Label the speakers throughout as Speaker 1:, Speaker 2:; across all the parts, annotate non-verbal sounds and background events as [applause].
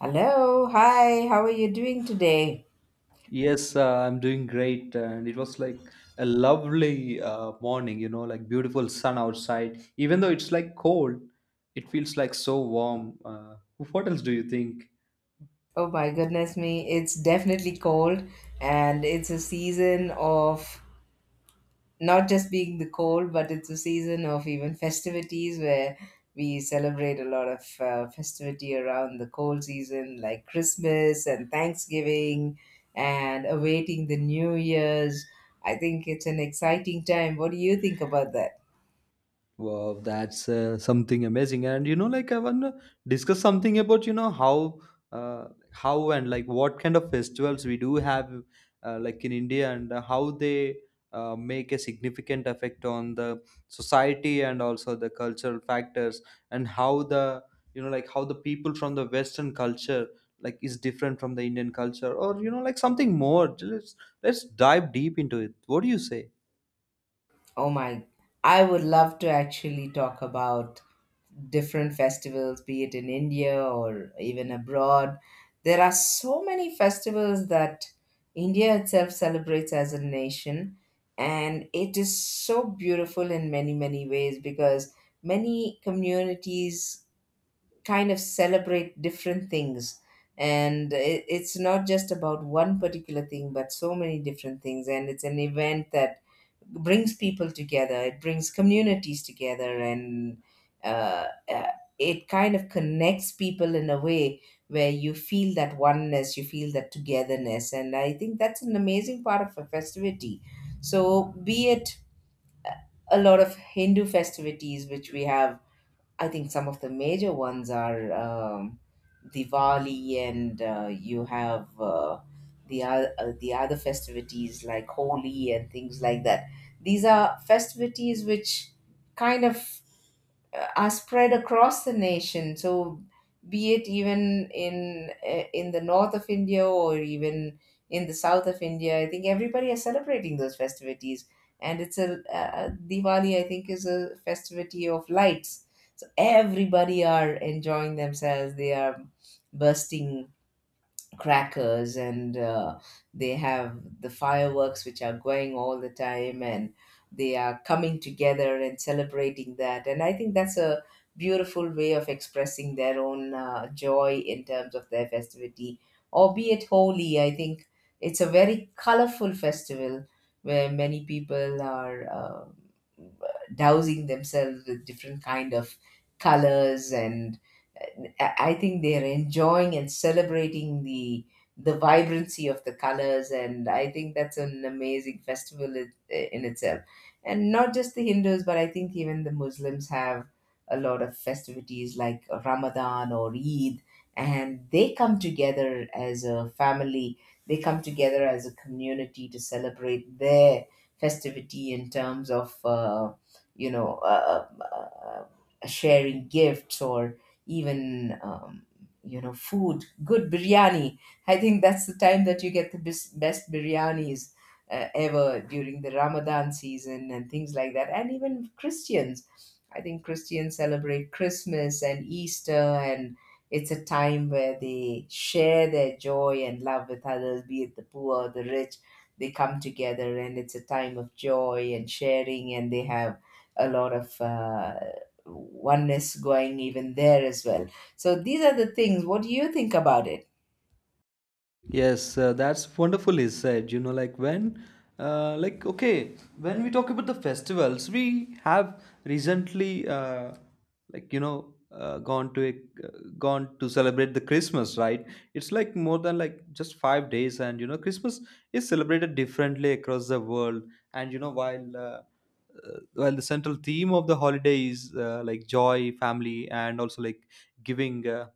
Speaker 1: Hello, hi, how are you doing today?
Speaker 2: Yes, I'm doing great, and it was like a lovely morning, you know, like beautiful sun outside. Even though it's like cold, it feels like so warm. What else do you think?
Speaker 1: Oh my goodness me, it's definitely cold and it's a season of not just being the cold, but it's a season of even festivities where we celebrate a lot of festivity around the cold season like Christmas and Thanksgiving and awaiting the New Year's. I think it's an exciting time. What do you think about that?
Speaker 2: Wow, that's something amazing. And you know, like I want to discuss something about you know uh, how and like what kind of festivals we do have, like in India, and how they make a significant effect on the society and also the cultural factors, and how the you know like how the people from the Western culture like is different from the Indian culture, or you know like something more. Let's dive deep into it. What do you say?
Speaker 1: Oh my, I would love to actually talk about different festivals, be it in India or even abroad. There are so many festivals that India itself celebrates as a nation, and it is so beautiful in many, many ways because many communities kind of celebrate different things and it's not just about one particular thing but so many different things, and it's an event that brings people together. It brings communities together. And uh, uh, it kind of connects people in a way where you feel that oneness, you feel that togetherness, and I think that's an amazing part of a festivity. So be it a lot of Hindu festivities which we have, I think some of the major ones are Diwali, and you have the other festivities like Holi and things like that. These are festivities which kind of are spread across the nation. So be it even in the north of India or even in the south of India, I think everybody is celebrating those festivities. And it's a Diwali, I think, is a festivity of lights. So everybody are enjoying themselves. They are bursting crackers, and they have the fireworks which are going all the time, and they are coming together and celebrating that. And I think that's a beautiful way of expressing their own joy in terms of their festivity. Albeit Holy, I think it's a very colorful festival where many people are uh, dousing themselves with different kind of colors, and and I think they're enjoying and celebrating the vibrancy of the colors, and I think that's an amazing festival in itself. And not just the Hindus, but I think even the Muslims have a lot of festivities like Ramadan or Eid, and they come together as a family. They come together as a community to celebrate their festivity in terms of, sharing gifts or even food, good biryani. I think that's the time that you get the best biryanis ever during the Ramadan season and things like that. And even Christians, I think Christians celebrate Christmas and Easter, and it's a time where they share their joy and love with others, be it the poor or the rich. They come together and it's a time of joy and sharing, and they have a lot of oneness going even there as well. So these are the things. What do you think about it?
Speaker 2: Yes, that's wonderfully said. You know, like when, like okay, when we talk about the festivals, we have recently, like you know, gone to uh, gone to celebrate the Christmas, right? It's like more than like just 5 days, and you know, Christmas is celebrated differently across the world. And you know, while the central theme of the holiday is like joy, family, and also like giving.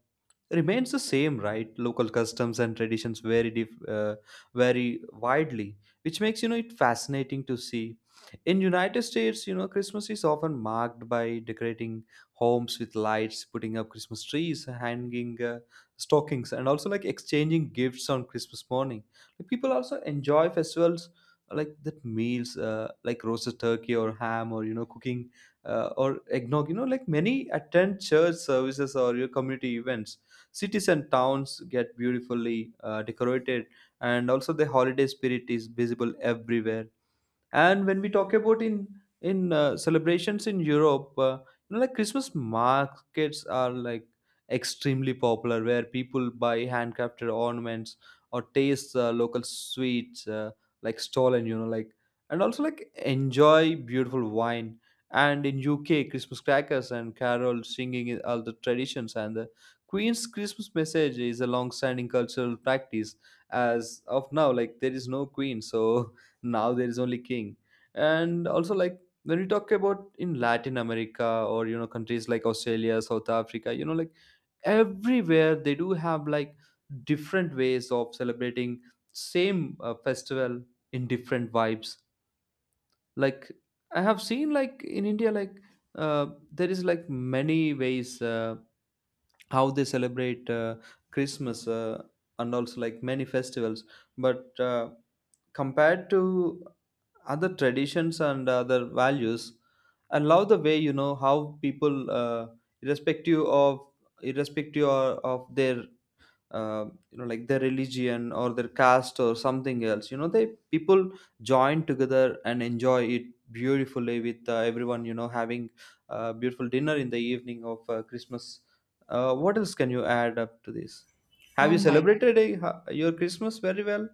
Speaker 2: Remains the same, right, local customs and traditions vary widely, which makes you know it fascinating to see. In United States, you know, Christmas is often marked by decorating homes with lights, putting up Christmas trees, hanging stockings, and also like exchanging gifts on Christmas morning. Like, people also enjoy festivals like that, meals like roasted turkey or ham, or you know cooking or eggnog. You know, like many attend church services or your community events. Cities and towns get beautifully decorated, and also the holiday spirit is visible everywhere. And when we talk about in celebrations in Europe, you know, like Christmas markets are like extremely popular, where people buy handcrafted ornaments or taste local sweets like stolen, you know, like, and also like enjoy beautiful wine. And in UK, Christmas crackers and carol singing is all the traditions, and the Queen's Christmas message is a long-standing cultural practice. As of now, like, there is no queen, so [laughs] now there is only king. And also like when we talk about in Latin America or you know countries like Australia, South Africa, you know, like everywhere they do have like different ways of celebrating same festival in different vibes. Like, I have seen like in India like there is like many ways how they celebrate Christmas, and also like many festivals. But compared to other traditions and other values, I love the way you know how people irrespective of irrespective of their uh, you know like their religion or their caste or something else, you know, they people join together and enjoy it beautifully with everyone, you know, having a beautiful dinner in the evening of Christmas. What else can you add up to this? Have
Speaker 1: Oh
Speaker 2: you
Speaker 1: my.
Speaker 2: celebrated your Christmas very well?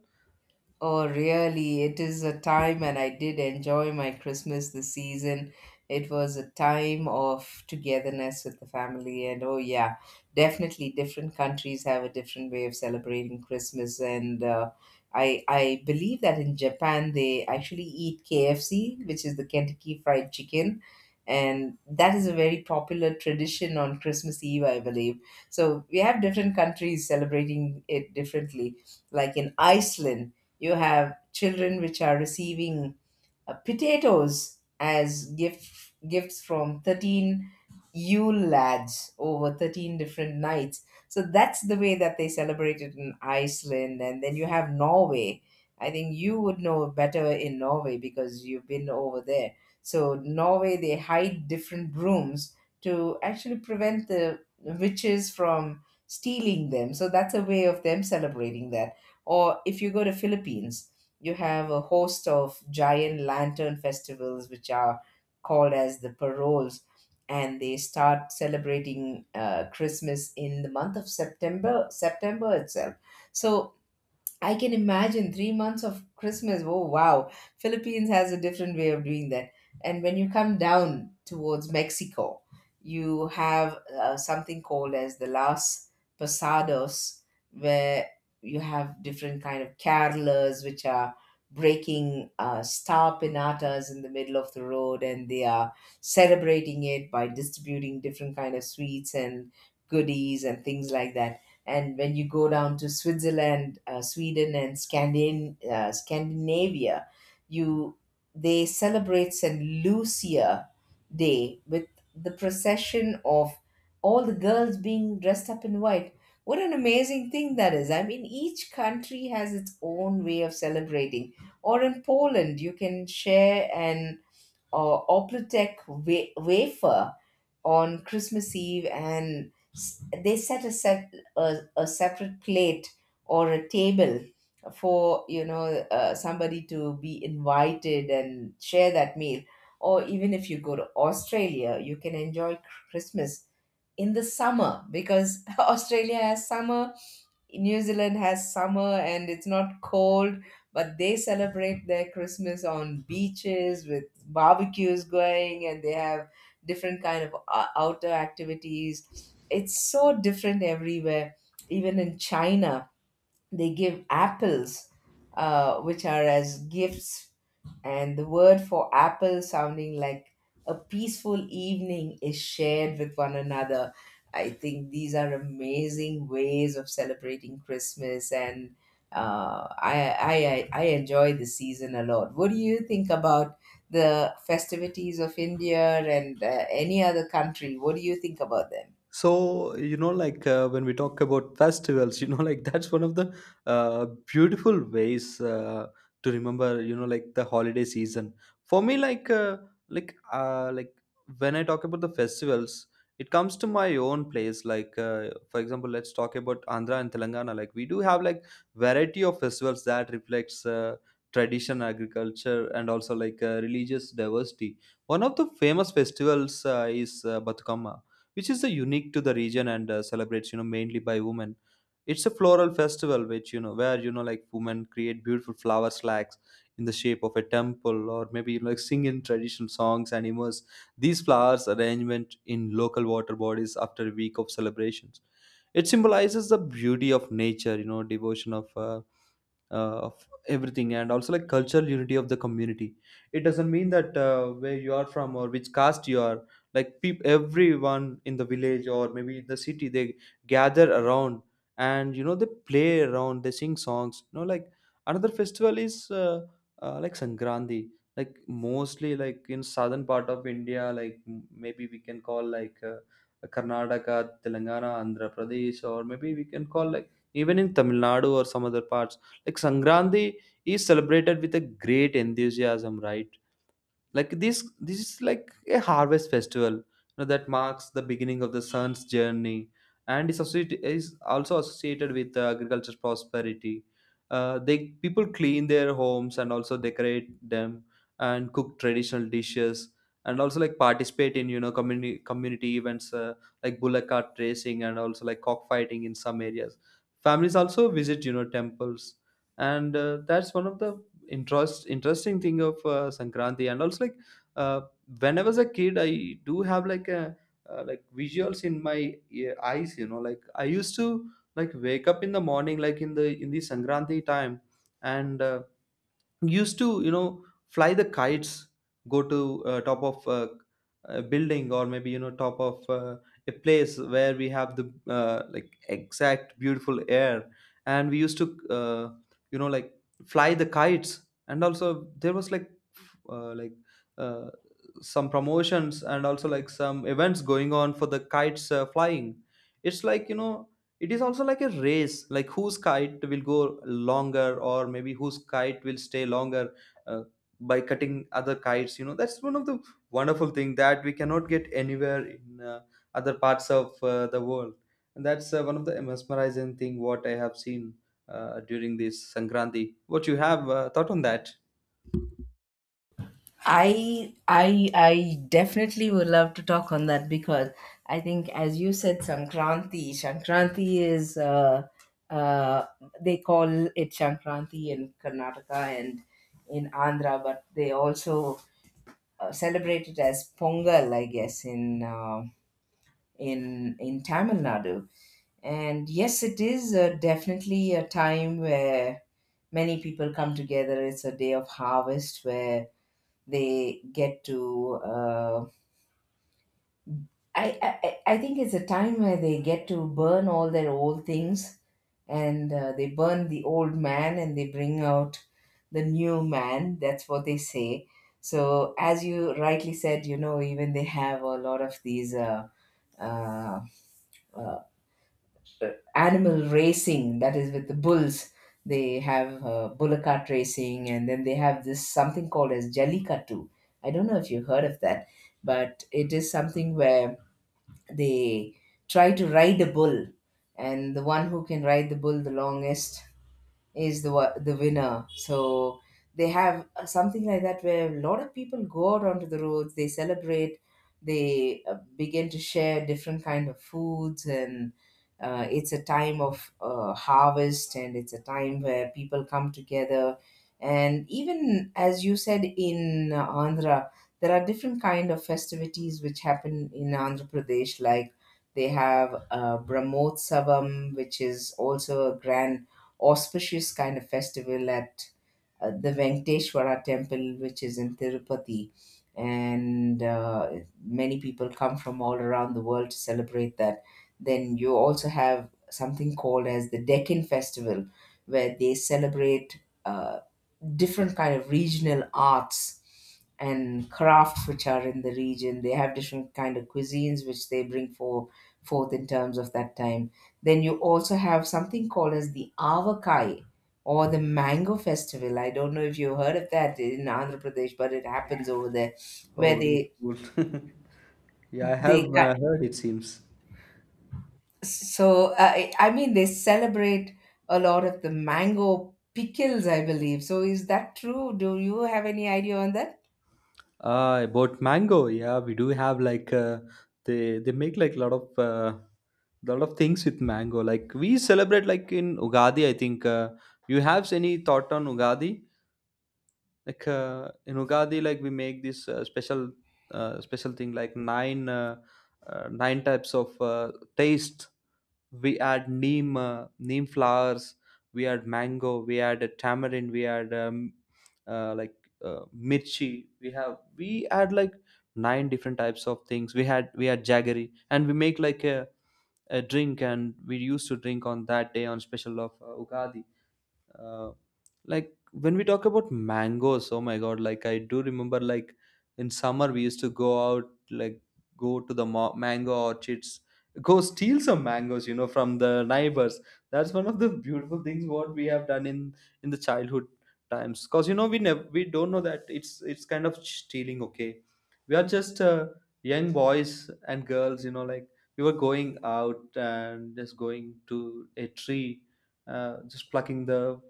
Speaker 1: Oh, really, it is a time, and I did enjoy my Christmas this season. It was a time of togetherness with the family, and oh, yeah, definitely different countries have a different way of celebrating Christmas. And I believe that in Japan, they actually eat KFC, which is the Kentucky Fried Chicken. And that is a very popular tradition on Christmas Eve, I believe. So we have different countries celebrating it differently. Like in Iceland, you have children which are receiving potatoes as gifts from 13 Yule lads over 13 different nights. So that's the way that they celebrate it in Iceland. And then you have Norway. I think you would know better in Norway because you've been over there. So, Norway, they hide different brooms to actually prevent the witches from stealing them. So, that's a way of them celebrating that. Or if you go to Philippines, you have a host of giant lantern festivals which are called as the paroles, and they start celebrating Christmas in the month of September, September itself. So I can imagine 3 months of Christmas. Oh wow, Philippines has a different way of doing that. And when you come down towards Mexico, you have something called as the Las Posadas, where you have different kind of carolers, which are breaking star pinatas in the middle of the road, and they are celebrating it by distributing different kind of sweets and goodies and things like that. And when you go down to Switzerland, Sweden, and Scandinavia, you they celebrate Saint Lucia Day with the procession of all the girls being dressed up in white. What an amazing thing that is! I mean, each country has its own way of celebrating. Or in Poland, you can share an Oplotek wafer on Christmas Eve, and they set a separate plate or a table for you know somebody to be invited and share that meal. Or even if you go to Australia, you can enjoy Christmas in the summer, because [laughs] Australia has summer, New Zealand has summer and it's not cold, but they celebrate their Christmas on beaches with barbecues going, and they have different kind of outdoor activities. It's so different everywhere. Even in China, they give apples which are as gifts, and the word for apple sounding like a peaceful evening is shared with one another. I think these are amazing ways of celebrating Christmas, and I enjoy the season a lot. What do you think about the festivities of India and any other country? What do you think about them?
Speaker 2: So, you know, like when we talk about festivals, [laughs] you know, like that's one of the uh, beautiful ways to remember, you know, like the holiday season. For me, like when I talk about the festivals, it comes to my own place. Like, for example, let's talk about Andhra and Telangana. Like, we do have like variety of festivals that reflects tradition, agriculture, and also like religious diversity. One of the famous festivals is Batukama, which is the unique to the region, and celebrates, you know, mainly by women. It's a floral festival, which, you know, where, you know, like women create beautiful flower slacks in the shape of a temple, or maybe, you know, like sing in traditional songs and immerse these flowers arrangement in local water bodies after a week of celebrations. It symbolizes the beauty of nature, you know, devotion of everything, and also like cultural unity of the community. It doesn't mean that where you are from or which caste you are. Like, everyone in the village, or maybe in the city, they gather around, and you know they play around, they sing songs, you know, like. Another festival is like Sankranti. Like, mostly like in southern part of India, like maybe we can call like Karnataka, Telangana, Andhra Pradesh, or maybe we can call like even in Tamil Nadu or some other parts. Like, Sangranti is celebrated with a great enthusiasm, right? Like, this is like a harvest festival, you know, that marks the beginning of the sun's journey and is also associated with agriculture prosperity. They people clean their homes and also decorate them and cook traditional dishes, and also like participate in, you know, community events, like bullock cart racing and also like cockfighting in some areas. Families also visit, you know, temples, and that's one of the interesting thing of Sankranti. And also like uh, when I was a kid, I do have like a like visuals in my eyes, you know, like I used to like wake up in the morning, like in the Sankranti time, and used to, you know, fly the kites, go to top of a building, or maybe, you know, top of a place where we have the like exact beautiful air, and we used to you know like fly the kites. And also there was like like uh, some promotions and also like some events going on for the kites flying. It's like, you know, it is also like a race, like whose kite will go longer, or maybe whose kite will stay longer, uh, by cutting other kites. You know, that's one of the wonderful thing that we cannot get anywhere in other parts of the world. And that's one of the mesmerizing thing what I have seen during this Sankranti. What you have thought on that?
Speaker 1: I definitely would love to talk on that because I think, as you said, Sankranti is uh, they call it Sankranti in Karnataka and in Andhra, but they also celebrate it as Pongal, I guess, in in Tamil Nadu. And yes, it is definitely a time where many people come together. It's a day of harvest where they get to I think it's a time where they get to burn all their old things, and they burn the old man and they bring out the new man, that's what they say. So as you rightly said, you know, even they have a lot of these uh, uh, animal racing, that is with the bulls. They have bullcart racing, and then they have this something called as jellicattu. I don't know if you heard of that, but it is something where they try to ride a bull, and the one who can ride the bull the longest is the the winner. So they have something like that where a lot of people go out onto the roads. They celebrate. They begin to share different kind of foods, and it's a time of harvest, and it's a time where people come together. And even as you said, in Andhra, there are different kind of festivities which happen in Andhra Pradesh, like. They have Brahmotsavam, which is also a grand auspicious kind of festival at the Venkateshwara temple, which is in Tirupati. And many people come from all around the world to celebrate that. Then you also have something called as the Deccan Festival, where they celebrate uh, different kind of regional arts and crafts which are in the region. They have different kind of cuisines which they bring for forth in terms of that time. Then you also have something called as the avakai or the mango festival. I don't know if you heard of that in Andhra Pradesh, but it happens over there where
Speaker 2: Oh, that's cool. [laughs] Yeah, I have
Speaker 1: they cut,
Speaker 2: heard, it seems.
Speaker 1: so I mean, they celebrate a lot of the mango pickles, I believe so. Is that true? Do you have any idea on that?
Speaker 2: About mango, yeah, we do have like they make like a lot of things with mango. Like, we celebrate like in Ugadi, I think. You have any thought on Ugadi? Like, in Ugadi, like we make this special special thing like nine nine types of taste. We had neem neem flowers, we had mango, we had a tamarind, we had like mirchi, we have we had like nine different types of things, we had, we had jaggery, and we make like a drink, and we used to drink on that day on special of Ugadi. uh, like when we talk about mangoes, oh my god, like, I do remember, like in summer we used to go out, like go to the mango orchards, go steal some mangoes, you know, from the neighbors. That's one of the beautiful things what we have done in the childhood times, because you know we never we don't know that it's kind of stealing, okay. We are just young boys and girls, you know, like we were going out and just going to a tree, just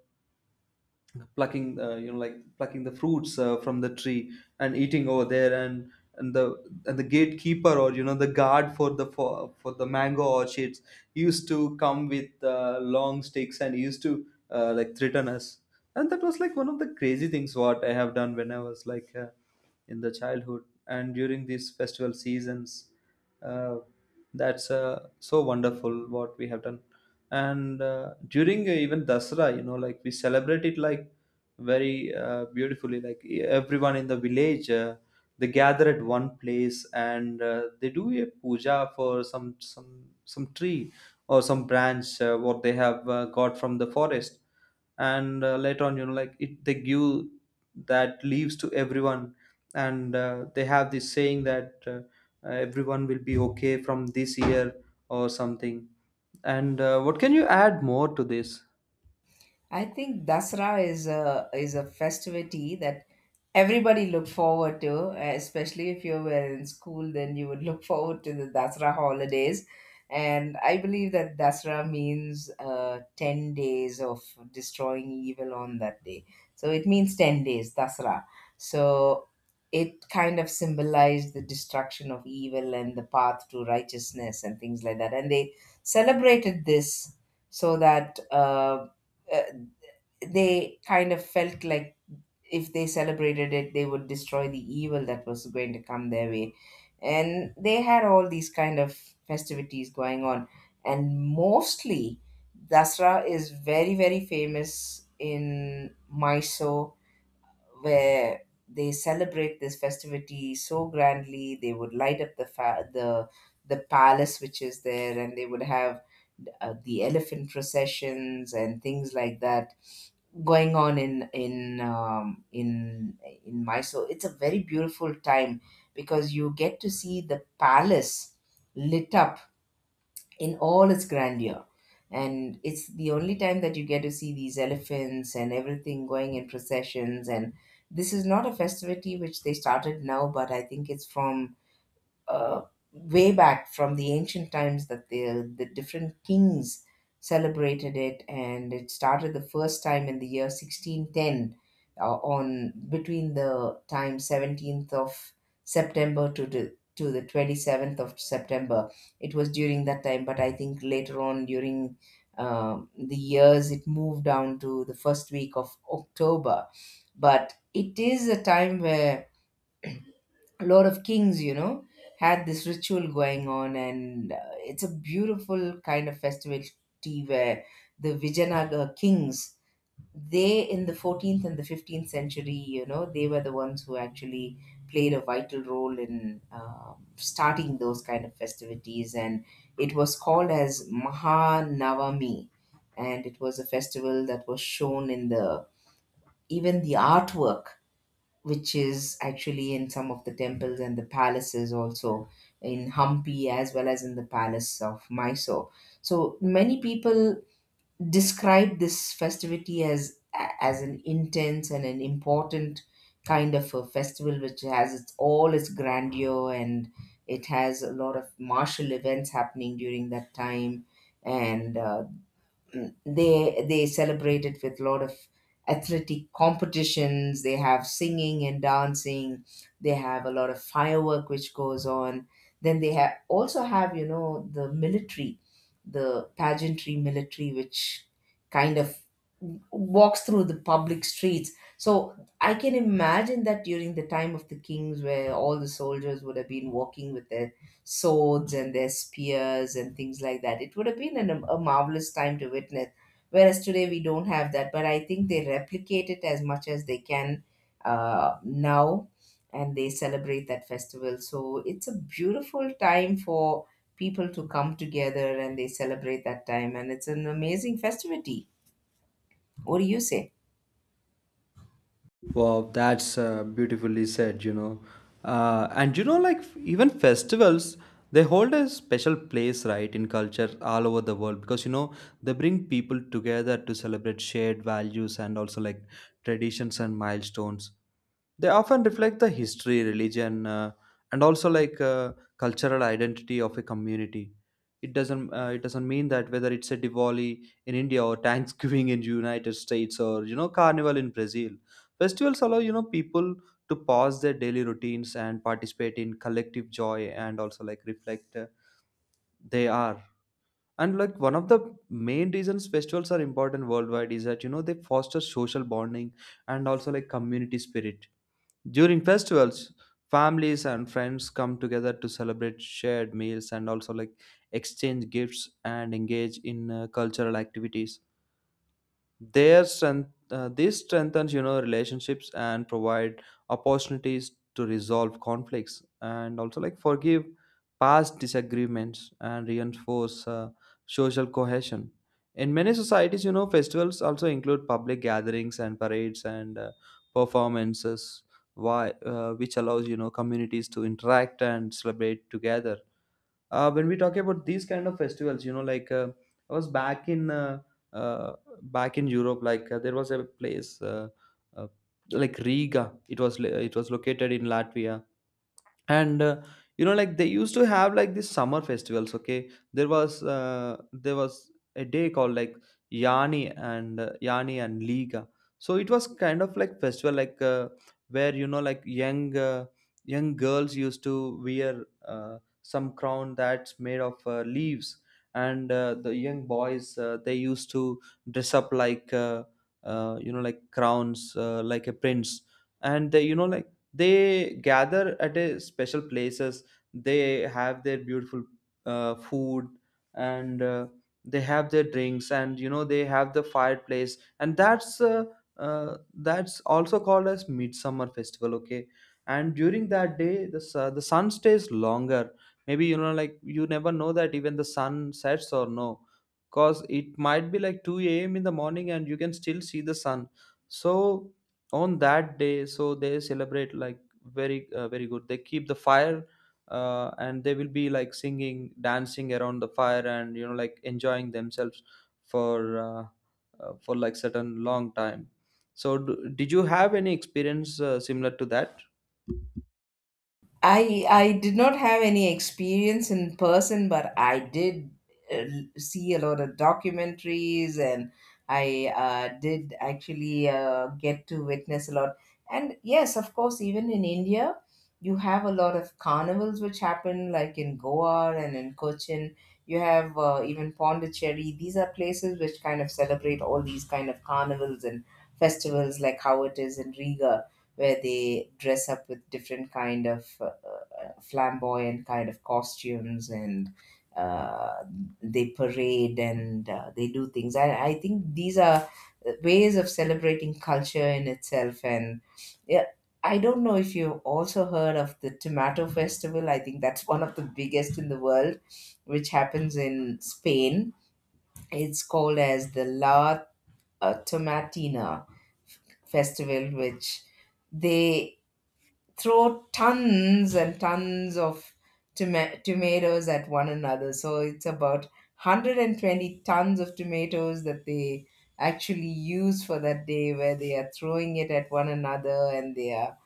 Speaker 2: plucking you know like plucking the fruits from the tree and eating over there. And and the and the gatekeeper, or you know the guard for for the mango orchards, used to come with long sticks and used to like threaten us. And that was like one of the crazy things what I have done when I was like in the childhood, and during these festival seasons uh, that's so wonderful what we have done. And during even Dasra, you know, like we celebrate it like very beautifully. Like, everyone in the village, they gather at one place, and they do a puja for some some tree or some branch what they have got from the forest. And later on, you know, like it, they give that leaves to everyone, and they have this saying that everyone will be okay from this year or something. And what can you add more to this?
Speaker 1: I think Dasra is a festivity that everybody look forward to, especially if you were in school, then you would [laughs] look forward to the Dasra holidays. And I believe that Dasra means 10 days of destroying evil on that day. So it means 10 days, Dasra. So it kind of symbolized the destruction of evil and the path to righteousness and things like that. And they celebrated this so that. Uh, they kind of felt like if they celebrated it, they would destroy the evil that was going to come their way. And they had all these kind of festivities going on. And mostly, Dasra is very, very famous in Mysore, where they celebrate this festivity so grandly. They would light up the the palace which is there, and they would have the elephant processions and things like that going on in in Mysore. It's a very beautiful time because you get to see the palace lit up in all its grandeur, and it's the only time that you get to see these elephants and everything going in processions. And this is not a festivity which they started now, but I think it's from uh, way back from the ancient times that the different kings celebrated it, and it started the first time in the year 1610 on between the time 17th of September to the 27th of September. It was during that time, but I think later on during the years it moved down to the first week of October. But it is a time where a lot of kings, you know, had this ritual going on, and it's a beautiful kind of festivity where the Vijayanagar kings, they in the 14th and the 15th century, you know, they were the ones who actually played a vital role in starting those kind of festivities, and it was called as Mahanavami, and it was a festival that was shown in the even the artwork which is actually in some of the temples and the palaces also in Hampi as well as in the palace of Mysore. So many people describe this festivity as an intense and an important kind of a festival which has its all its grandeur, and it has a lot of martial events happening during that time, and they celebrate it with a lot of athletic competitions. They have singing and dancing, they have a lot of firework which goes on, then they have also have, you know, the military, the pageantry military, which kind of walks through the public streets. So I can imagine that during the time of the kings, where all the soldiers would have been walking with their swords and their spears and things like that, it would have been a marvelous time to witness. Whereas today we don't have that, but I think they replicate it as much as they can, now, and they celebrate that festival. So it's a beautiful time for people to come together and they celebrate that time, and it's an amazing festivity. What do you say?
Speaker 2: Wow, that's beautifully said, you know. And you know, like even festivals, they hold a special place, right, in culture all over the world, because you know they bring people together to celebrate shared values and also like traditions and milestones. They often reflect the history, religion, and also like cultural identity of a community. It doesn't mean that whether it's a Diwali in India or Thanksgiving in United States or you know Carnival in Brazil. Festivals allow you know people to pause their daily routines and participate in collective joy and also like reflect they are. And like one of the main reasons festivals are important worldwide is that you know they foster social bonding and also like community spirit. During festivals, families and friends come together to celebrate shared meals and also like exchange gifts and engage in cultural activities. Their strength This strengthens you know relationships and provide opportunities to resolve conflicts and also like forgive past disagreements and reinforce social cohesion. In many societies you know festivals also include public gatherings and parades and performances which allows you know communities to interact and celebrate together. When we talk about these kind of festivals you know like I was back in uh, back in Europe, like there was a place uh, like Riga. It was it was located in Latvia, and you know like they used to have like these summer festivals, okay? There was a day called like Yani, and Yani and Liga. So it was kind of like festival, like where you know like young girls used to wear some crown that's made of leaves. And the young boys, they used to dress up like you know like crowns, like a prince. And they you know like they gather at a special places. They have their beautiful food, and they have their drinks, and you know they have the fireplace. And that's also called as midsummer festival, okay? And during that day the sun stays longer. Maybe you know like you never know that even the sun sets or no, because it might be like 2 a.m in the morning and you can still see the sun. So on that day, so they celebrate like very good. They keep the fire, and they will be like singing, dancing around the fire and you know like enjoying themselves for uh, for like certain long time. So did you have any experience similar to that?
Speaker 1: I did not have any experience in person, but I did uh, see a lot of documentaries, and I did actually get to witness a lot. And yes, of course, even in India, you have a lot of carnivals which happen, like in Goa and in Cochin. You have even Pondicherry. These are places which kind of celebrate all these kind of carnivals and festivals, like how it is in Riga, where they dress up with different kind of flamboyant kind of costumes, and uh, they parade and they do things. I think these are ways of celebrating culture in itself. And yeah, I don't know if you've also heard of the Tomato Festival. I think that's [laughs] one of the biggest in the world, which happens in Spain. It's called as the La Tomatina Festival, which they throw tons and tons of tomatoes at one another. So it's about 120 tons of tomatoes that they actually use for that day, where they are throwing it at one another and they are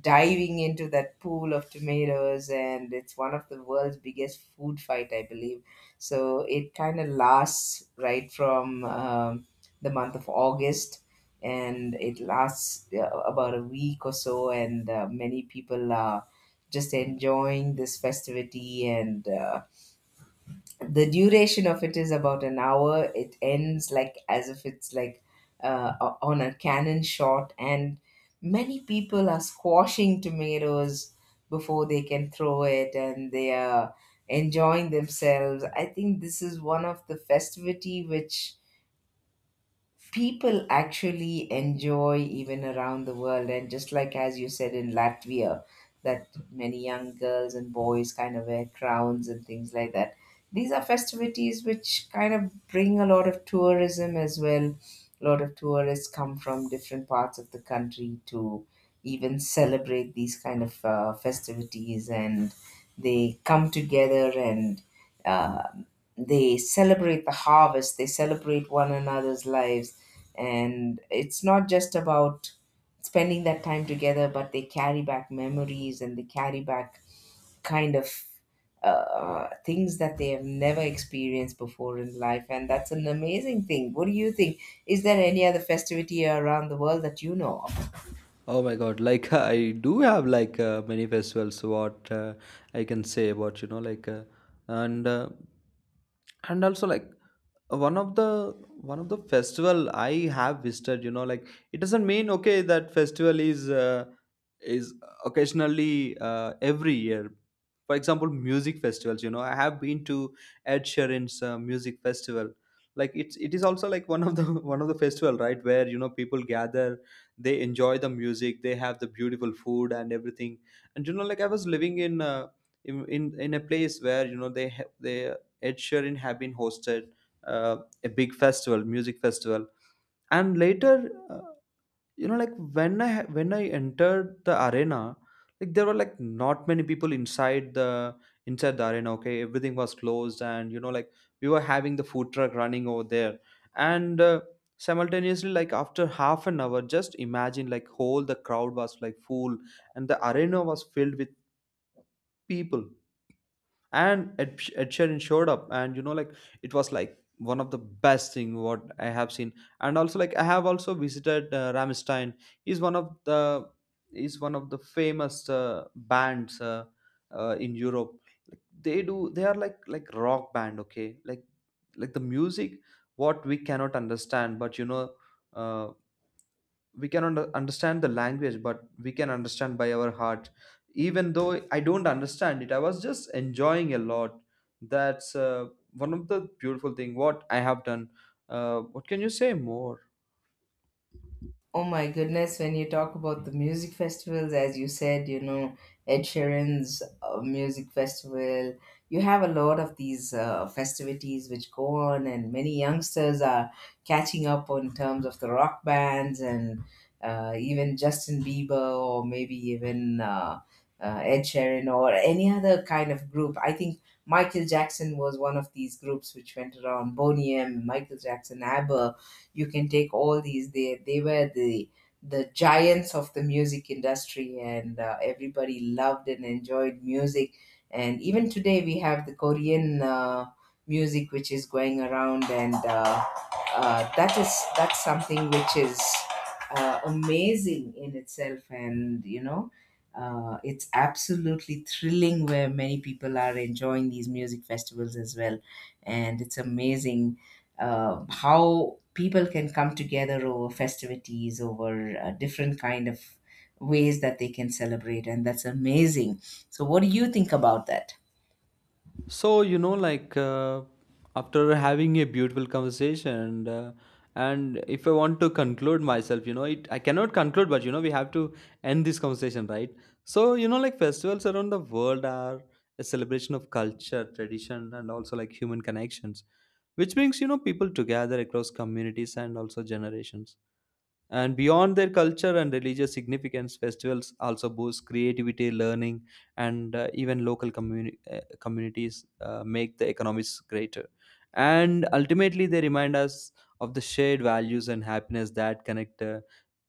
Speaker 1: diving into that pool of tomatoes, and it's one of the world's biggest food fight, I believe. So it kind of lasts right from the month of August, and it lasts about a week or so, and many people are just enjoying this festivity, and the duration of it is about an hour. It ends like as if it's like on a cannon shot, and many people are squashing tomatoes before they can throw it, and they are enjoying themselves. I think this is one of the festivity which people actually enjoy even around the world. And just like as you said in Latvia, that many young girls and boys kind of wear crowns and things like that, these are festivities which kind of bring a lot of tourism as well. A lot of tourists come from different parts of the country to even celebrate these kind of festivities, and they come together, and uh, they celebrate the harvest, they celebrate one another's lives. And it's not just about spending that time together, but they carry back memories, and they carry back kind of things that they have never experienced before in life, and that's an amazing thing. What do you think? Is there any other festivity around the world that you know of?
Speaker 2: Oh my God, like [laughs] I do have like many festivals what I can say about you know like and uh, and also like one of the one of the festival I have visited, you know like it doesn't mean, okay, that festival is is occasionally every year. For example, music festivals, you know I have been to Ed Sheeran's music festival. Like it is also like one of the [laughs] one of the festival, right, where you know people gather, they enjoy the music, they have the beautiful food and everything. And you know like I was living in in a place where you know they Ed Sheeran have been hosted uh, a big festival, music festival. And later, uh, you know like when when I entered the arena, like there were like not many people inside the arena, okay? Everything was closed, and you know like we were having the food truck running over there. And simultaneously, like after half an hour, just imagine like whole the crowd was like full and the arena was filled with people. And Ed Sheeran showed up. And you know like it was like one of the best thing what I have seen. And also like I have also visited Ramstein. He's one of the famous bands, in Europe. They do they are like rock band, okay? Like the music what we cannot understand, but you know uh, we cannot understand the language, but we can understand by our heart. Even though I don't understand it, I was just enjoying a lot. That's one of the beautiful thing what I have done. What can you say more?
Speaker 1: Oh my goodness, when you talk about the music festivals, as you said, you know, Ed Sheeran's music festival, you have a lot of these festivities which go on, and many youngsters are catching up on terms of the rock bands and even Justin Bieber, or maybe even Ed Sheeran or any other kind of group. I think Michael Jackson was one of these groups which went around. Boney M, Michael Jackson, ABBA, you can take all these. They were the giants of the music industry, and everybody loved and enjoyed music. And even today we have the Korean music which is going around, and that's something which is amazing in itself. And you know, it's absolutely thrilling, where many people are enjoying these music festivals as well, and it's amazing how people can come together over festivities, over different kind of ways that they can celebrate, and that's amazing. So what do you think about that?
Speaker 2: So, you know, like after having a beautiful conversation, and if I want to conclude myself, you know, it I cannot conclude, but you know, we have to end this conversation, right? So, you know, like festivals around the world are a celebration of culture, tradition, and also like human connections, which brings you know people together across communities and also generations. And beyond their culture and religious significance, festivals also boost creativity, learning, and even communities make the economies greater. And ultimately, they remind us of the shared values and happiness that connect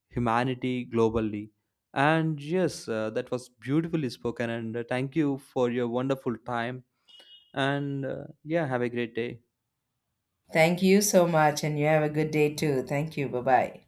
Speaker 2: humanity globally. And yes, that was beautifully spoken. And thank you for your wonderful time. And yeah, have a great day.
Speaker 1: Thank you so much, and you have a good day too. Thank you. Bye bye.